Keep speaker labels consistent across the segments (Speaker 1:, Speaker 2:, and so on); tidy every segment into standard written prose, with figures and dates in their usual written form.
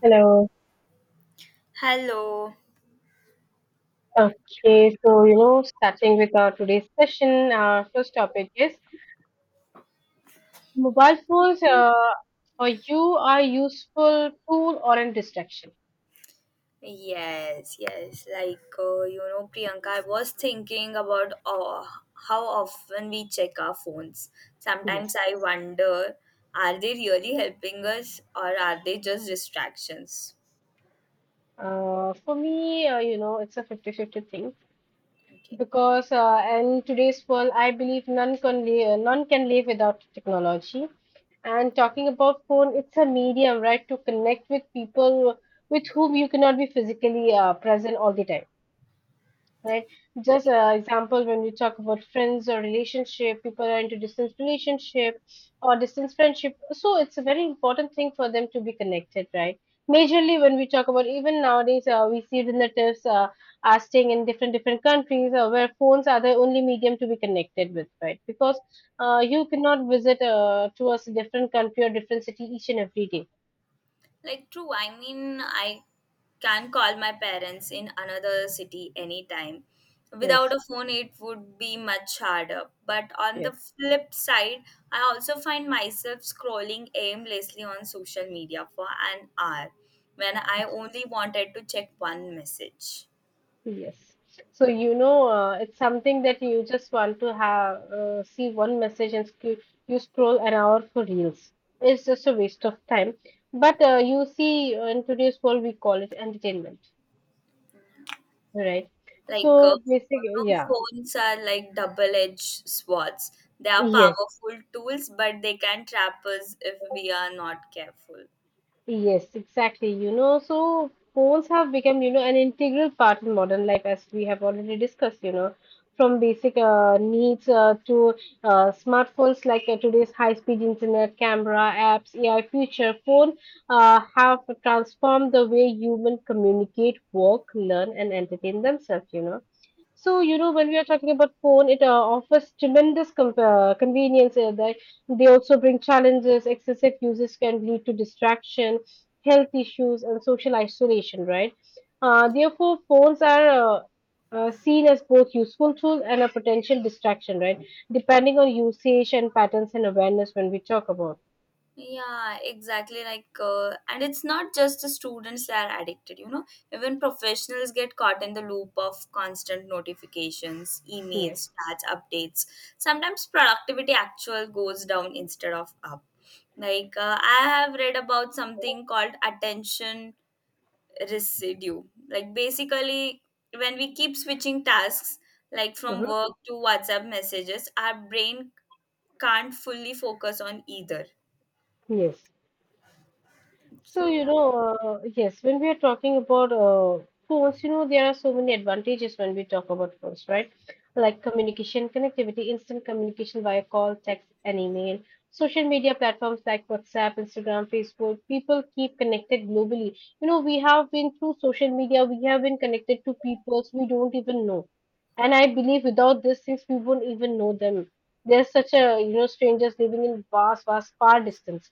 Speaker 1: Hello.
Speaker 2: Hello.
Speaker 1: Okay, so you know, starting with our today's session, our first topic is mobile phones for you are useful tool or a distraction?
Speaker 2: Yes, yes. Like, Priyanka, I was thinking about how often we check our phones. Sometimes
Speaker 1: Yes.
Speaker 2: I wonder, are they really helping us or are they just distractions?
Speaker 1: For me, you know, it's a fifty-fifty thing
Speaker 2: Okay.
Speaker 1: because in today's world, I believe none can live, none can live without technology. And talking about phone, it's a medium, right, to connect with people with whom you cannot be physically present all the time, right? Just example when we talk about friends or relationship, people are into distance relationship or distance friendship. So it's a very important thing for them to be connected, right? Majorly when we talk about even nowadays, we see relatives are staying in different different countries where phones are the only medium to be connected with, right? Because you cannot visit to a different country or different city each and every day.
Speaker 2: Like, true. I mean, I can call my parents in another city anytime. Without
Speaker 1: Yes.
Speaker 2: a phone, it would be much harder. But on the
Speaker 1: Yes.
Speaker 2: flip side, I also find myself scrolling aimlessly on social media for an hour when I only wanted to check one message.
Speaker 1: Yes. So, you know, it's something that you just want to have see one message and sc you scroll an hour for reels. It's just a waste of time. But you see, in today's world, we call it entertainment, right?
Speaker 2: Like, uh,
Speaker 1: So, basically,
Speaker 2: you know,
Speaker 1: yeah.
Speaker 2: phones are like double edged swords. They are
Speaker 1: Yes.
Speaker 2: powerful tools, but they can trap us if we are not careful.
Speaker 1: Yes, exactly. You know, so phones have become, you know, an integral part in modern life, as we have already discussed, you know, from basic needs to smartphones like today's high-speed internet, camera, apps, AI feature. Phone have transformed the way human communicate, work, learn, and entertain themselves, you know. So, you know, when we are talking about phone, it offers tremendous com convenience. They also bring challenges. Excessive uses can lead to distraction, health issues, and social isolation, right? Therefore, phones are seen as both useful tools and a potential distraction, right? Depending on usage and patterns and awareness when we talk about.
Speaker 2: Yeah, exactly. And it's not just the students that are addicted, you know, even professionals get caught in the loop of constant notifications, emails,
Speaker 1: Yes.
Speaker 2: chats, updates. Sometimes productivity actual goes down instead of up. I have read about something called attention residue. Like, basically, when we keep switching tasks, like from
Speaker 1: Uh-huh.
Speaker 2: work to WhatsApp messages, our brain can't fully focus on either.
Speaker 1: Yes. So,
Speaker 2: So,
Speaker 1: you
Speaker 2: yeah.
Speaker 1: know, yes, when we are talking about phones, you know, there are so many advantages when we talk about phones, right? Like communication, connectivity, instant communication via call, text, and email. Social media platforms like WhatsApp, Instagram, Facebook, people keep connected globally. You know, we have been through social media, we have been connected to people we don't even know. And I believe without these things, we will not even know them. They're such a, you know, strangers living in vast, vast, far distance,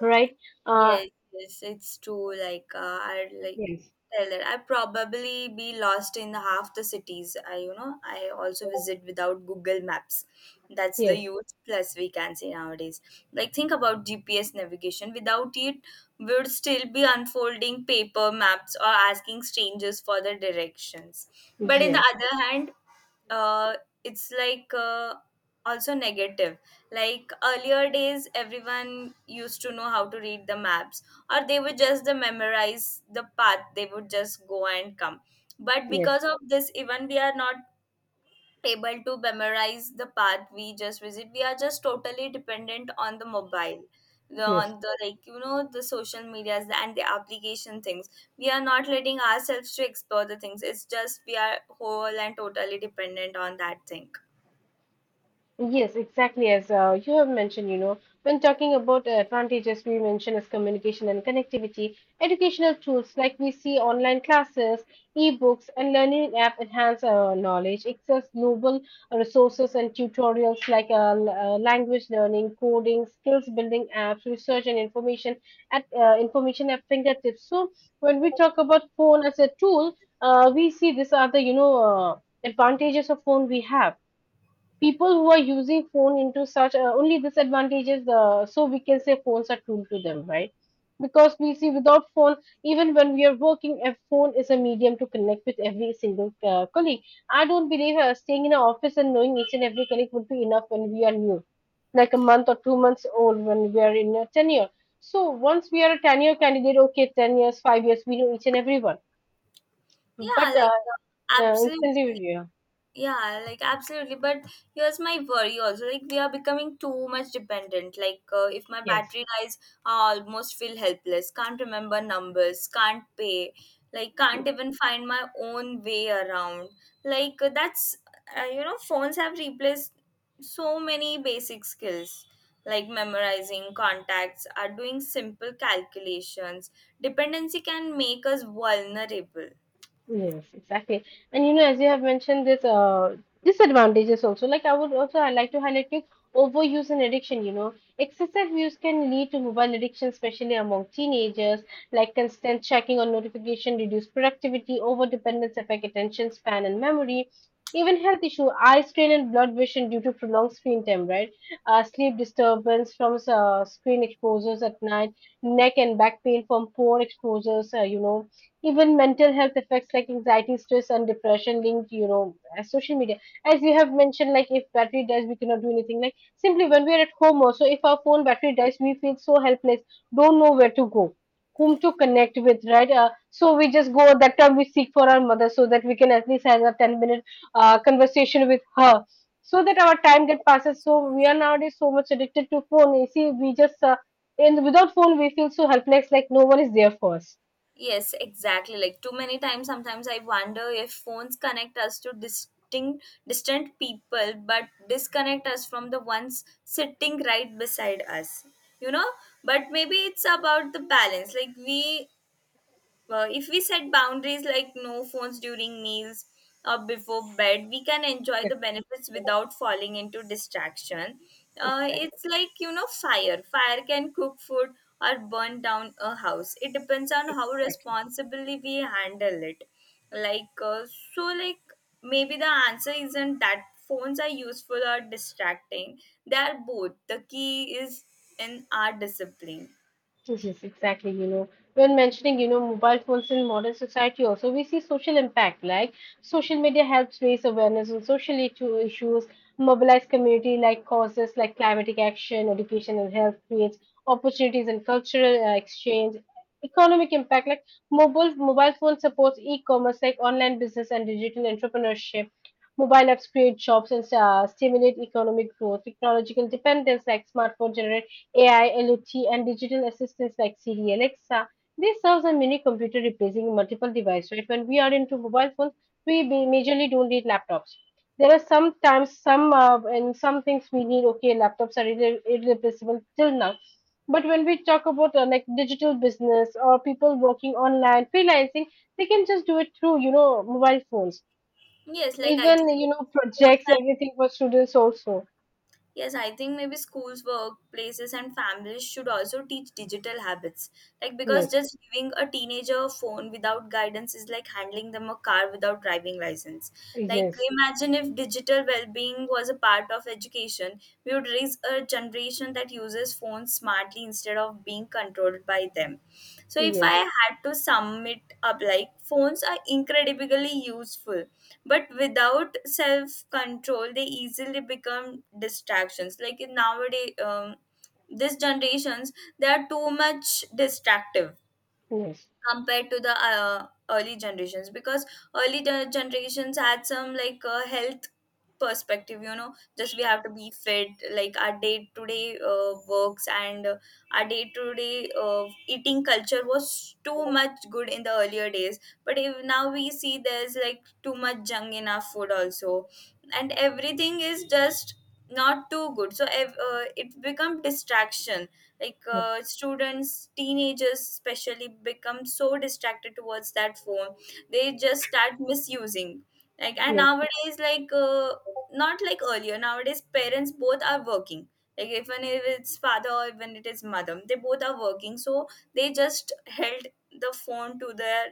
Speaker 1: right? Uh,
Speaker 2: Yes, yes, it's true. I'd like
Speaker 1: Yes.
Speaker 2: tell that I probably be lost in half the cities. I I also visit without Google Maps. That's the
Speaker 1: Yes,
Speaker 2: huge plus we can say nowadays. Like think about GPS navigation. Without it, we'd still be unfolding paper maps or asking strangers for the directions. But in the
Speaker 1: yes,
Speaker 2: other hand, uh, it's like also negative, like earlier days everyone used to know how to read the maps, or they would just the memorize the path, they would just go and come, but
Speaker 1: yes,
Speaker 2: because of this even we are not able to memorize the path we just visit. We are just totally dependent on the mobile,
Speaker 1: yes.
Speaker 2: on the, like, the social medias and the application things. We are not letting ourselves to explore the things. It's just we are whole and totally dependent on that thing.
Speaker 1: Yes, exactly. As you have mentioned, you know, when talking about advantages, we mentioned as communication and connectivity, educational tools like we see online classes, e-books, and learning app enhance our knowledge, access global resources and tutorials like language learning, coding, skills building apps, research and information at fingertips. So when we talk about phone as a tool, we see these are the, you know, advantages of phone we have people who are using phone into such only disadvantages, so we can say phones are tool to them, right, because we see without phone even when we are working a phone is a medium to connect with every single colleague. I don't believe staying in an office and knowing each and every colleague would be enough when we are new, like a month or 2 months old when we are in a tenure. So once we are a tenure candidate, okay, 10 years, 5 years, we know each and everyone.
Speaker 2: Yeah,
Speaker 1: But
Speaker 2: like uh,
Speaker 1: instantly,
Speaker 2: absolutely.
Speaker 1: yeah.
Speaker 2: Yeah, like absolutely. But here's my worry also. Like we are becoming too much dependent. If my
Speaker 1: Yes.
Speaker 2: battery dies, I almost feel helpless. Can't remember numbers. Can't pay. Like can't even find my own way around. Like that's you know phones have replaced so many basic skills like memorizing contacts are doing simple calculations. Dependency can make us vulnerable.
Speaker 1: Yes, exactly. And you know, as you have mentioned this disadvantages also, like I would also I like to highlight you overuse and addiction, you know. Excessive use can lead to mobile addiction, especially among teenagers, like constant checking on notification, reduced productivity, over dependence affect attention span and memory. Even health issue, eye strain and blood vision due to prolonged screen time, right? Sleep disturbance from screen exposures at night, neck and back pain from poor exposures, you know, even mental health effects like anxiety stress and depression linked, you know, social media. As you have mentioned, like if battery dies we cannot do anything, like simply when we are at home also, if our phone battery dies we feel so helpless, don't know where to go, whom to connect with, right? So we just go at that time, we seek for our mother so that we can at least have a 10 minute conversation with her, so that our time that passes. So we are nowadays so much addicted to phone, you see, we just and without phone we feel so helpless like no one is there for us.
Speaker 2: Yes, exactly. Like too many times, sometimes I wonder if phones connect us to distinct, distant people, but disconnect us from the ones sitting right beside us. You know, but maybe it's about the balance. Like we If we set boundaries like no phones during meals or before bed, we can enjoy
Speaker 1: Yes.
Speaker 2: the benefits without falling into distraction. Uh,
Speaker 1: exactly
Speaker 2: it's like, you know, fire. Fire can cook food or burn down a house. It depends on how
Speaker 1: Exactly.
Speaker 2: responsibly we handle it. Like, uh, so, maybe the answer isn't that phones are useful or distracting. They are both. The key is in our discipline.
Speaker 1: Yes, yes, exactly. You know, when mentioning, you know, mobile phones in modern society, also we see social impact. Like social media helps raise awareness on social issues, mobilize community like causes like climatic action, education and health, creates opportunities and cultural exchange. Economic impact like mobile phone supports e-commerce like online business and digital entrepreneurship. Mobile apps create jobs and stimulate economic growth. Technological dependence like smartphone generation AI, LOT, and digital assistants like Siri, Alexa, they serve as a mini computer replacing multiple devices. Right? When we are into mobile phones, majorly don't need laptops. There are sometimes some and some things we need. Okay, laptops are irreplaceable till now. But when we talk about like digital business or people working online, freelancing, they can just do it through, you know, mobile phones.
Speaker 2: Yes, like, I
Speaker 1: Even,
Speaker 2: think
Speaker 1: you know,
Speaker 2: schools
Speaker 1: projects,
Speaker 2: and
Speaker 1: everything for students also.
Speaker 2: Yes, I think maybe schools, workplaces, and families should also teach digital habits. Like, because
Speaker 1: Yes,
Speaker 2: just giving a teenager a phone without guidance is like handing them a car without driving license. Like,
Speaker 1: yes,
Speaker 2: imagine if digital well being was a part of education, we would raise a generation that uses phones smartly instead of being controlled by them. So, if I
Speaker 1: yes,
Speaker 2: had to sum it up, like, phones are incredibly useful but without self control they easily become distractions. Nowadays this generations, they are too much distractive
Speaker 1: yes.
Speaker 2: compared to the early generations, because early generations had some health perspective, you know. Just we have to be fit, like our day to day works, and our day to day eating culture was too much good in the earlier days. But if now we see, there's like too much junk in our food also, and everything is just not too good. So it become distraction. Students, teenagers especially, become so distracted towards that phone. They just start misusing. Like and
Speaker 1: Yes.
Speaker 2: nowadays like Not like earlier, nowadays parents both are working. Like even if it's father or even it is mother, they both are working. So they just held the phone to their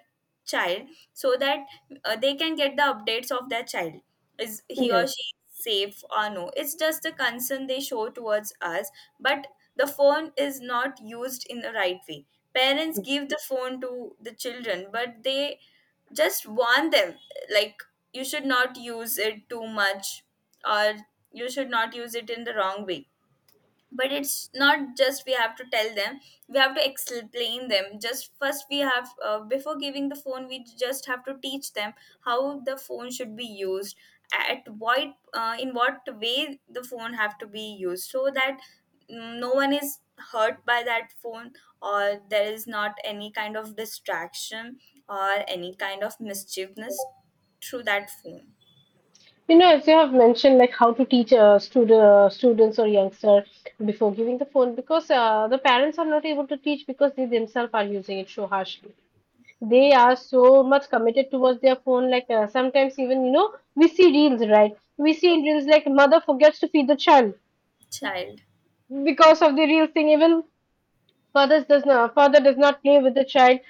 Speaker 2: child, so that they can get the updates of their child. Is he or
Speaker 1: Yes.
Speaker 2: she safe or no? It's just the concern they show towards us. But the phone is not used in the right way. Parents give the phone to the children, but they just warn them, like, you should not use it too much, or you should not use it in the wrong way. But it's not just we have to tell them, we have to explain them. Just first we have before giving the phone, we just have to teach them how the phone should be used, at what, in what way the phone have to be used, so that no one is hurt by that phone, or there is not any kind of distraction, or any kind of mischievousness through that phone.
Speaker 1: You know, as you have mentioned, like how to teach students or youngster before giving the phone, because the parents are not able to teach because they themselves are using it so harshly. They
Speaker 2: Yeah.
Speaker 1: are so much committed towards their phone. Like sometimes even, you know, we see reels, right? We see in reels like mother forgets to feed the child
Speaker 2: Child.
Speaker 1: because of the real thing. Even father does not play with the child,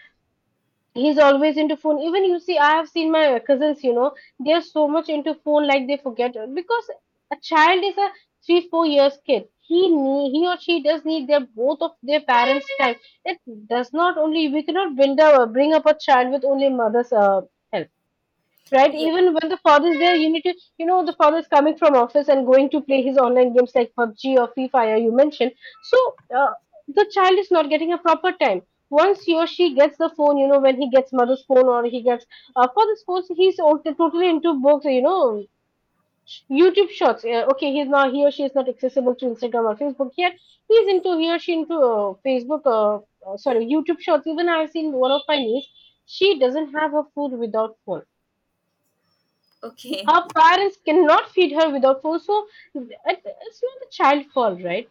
Speaker 1: he's always into phone. Even, you see, I have seen my cousins, you know, they're so much into phone like they forget it, because a child is a 3-4 years kid, he or she does need their both of their parents time. It does not only, we cannot build up bring up a child with only mother's help, right?
Speaker 2: Yeah.
Speaker 1: Even when the father's there, you need to, you know, the father's coming from office and going to play his online games like PUBG or Free Fire, you mentioned. So the child is not getting a proper time. Once he or she gets the phone, you know, when he gets mother's phone or he gets father's phone, so he's totally into books, you know, YouTube shorts. Okay, he or she is not accessible to Instagram or Facebook yet. He or she into Facebook, sorry, YouTube shorts. Even I've seen one of my niece. She doesn't have her food without phone,
Speaker 2: Okay.
Speaker 1: her parents cannot feed her without food, so it's not the child's fault, right?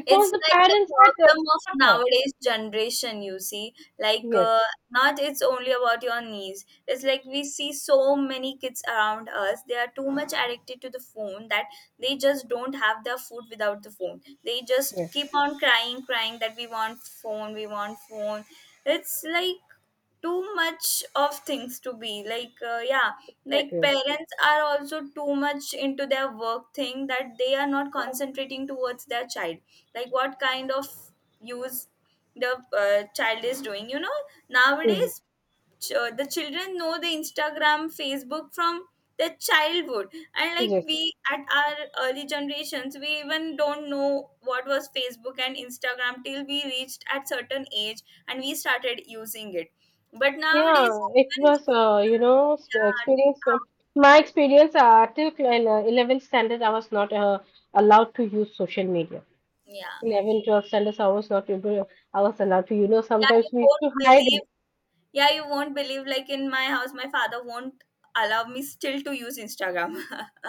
Speaker 1: Because
Speaker 2: It's
Speaker 1: the
Speaker 2: like the
Speaker 1: parents had
Speaker 2: problem of
Speaker 1: taught her.
Speaker 2: nowadays generation, you see. like
Speaker 1: Yes,
Speaker 2: uh, Not it's only about your knees. It's like we see so many kids around us, they are too much addicted to the phone that they just don't have their food without the phone. They just
Speaker 1: yes,
Speaker 2: keep on crying, crying that we want phone, we want phone. It's like too much of things to be yeah.
Speaker 1: thank
Speaker 2: Like
Speaker 1: you.
Speaker 2: parents are also too much into their work thing that they are not concentrating towards their child. Like what kind of use the child is doing, you know.
Speaker 1: Mhm.
Speaker 2: Nowadays the children know the Instagram, Facebook from their childhood. And like
Speaker 1: Yes,
Speaker 2: we at our early generations, we even don't know what was Facebook and Instagram till we reached at certain age and we started using it. But nowadays
Speaker 1: yeah, it
Speaker 2: even
Speaker 1: was,
Speaker 2: if we
Speaker 1: you
Speaker 2: don't
Speaker 1: know,
Speaker 2: know. yeah,
Speaker 1: experience.
Speaker 2: how-
Speaker 1: My experience till 11th standard, I was not allowed to use social media.
Speaker 2: yeah
Speaker 1: 11, 12 standards, I was not able, I was allowed to, you know,
Speaker 2: yeah
Speaker 1: sometimes
Speaker 2: You
Speaker 1: we used to
Speaker 2: won't
Speaker 1: hide it.
Speaker 2: believe. Yeah, you won't believe. Like in my house, my father won't allow me still to use Instagram.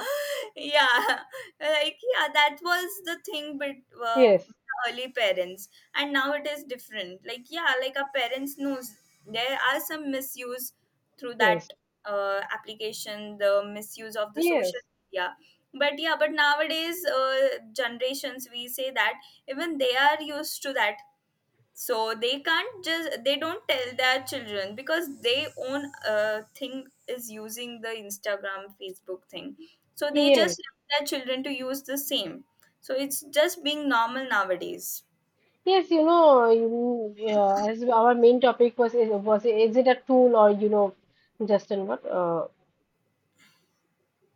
Speaker 2: Yeah, like, yeah, that was the thing. But uh,
Speaker 1: Yes,
Speaker 2: early parents, and now it is different. Like, yeah, like our parents knows there are some misuse through
Speaker 1: yes,
Speaker 2: that application, the misuse of the social
Speaker 1: yes,
Speaker 2: media. But yeah, but nowadays, generations, we say that even they are used to that, so they can't just, they don't tell their children, because they own thing is using the Instagram, Facebook thing. So they
Speaker 1: yes.
Speaker 2: just let their children to use the same. So it's just being normal nowadays.
Speaker 1: Yes, you know, yeah, as our main topic was is it a tool, or you know, Justin, what?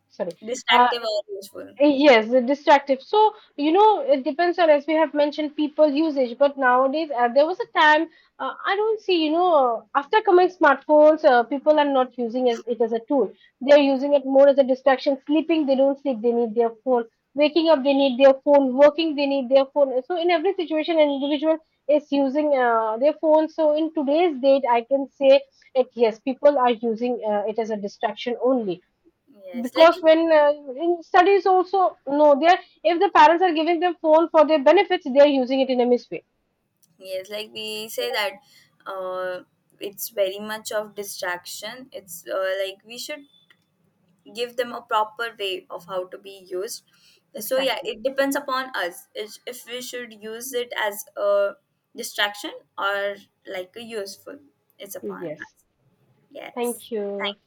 Speaker 1: sorry, uh,
Speaker 2: Distractive or useful?
Speaker 1: Yes, the distractive. So, you know, it depends on, as we have mentioned, people usage. But nowadays, there was a time I don't see, you know, after coming smartphones, people are not using as it as a tool. They're using it more as a distraction. Sleeping, they don't sleep, they need their phone. Waking up, they need their phone. Working, they need their phone. So, in every situation, an individual is using their phone. So, in today's date, I can say it, yes, people are using it as a distraction only,
Speaker 2: yes like
Speaker 1: because
Speaker 2: it's
Speaker 1: when in studies also no they are, if the parents are giving them phone for their benefits they are using it in a misway.
Speaker 2: yes Like we say that uh, it's very much of distraction. It's uh, like we should give them a proper way of how to be used. So yeah,
Speaker 1: Exactly.
Speaker 2: it depends upon us, if we should use it as a distraction, or like a useful. It's upon
Speaker 1: Yes.
Speaker 2: us. Yes.
Speaker 1: Thank you.
Speaker 2: Thank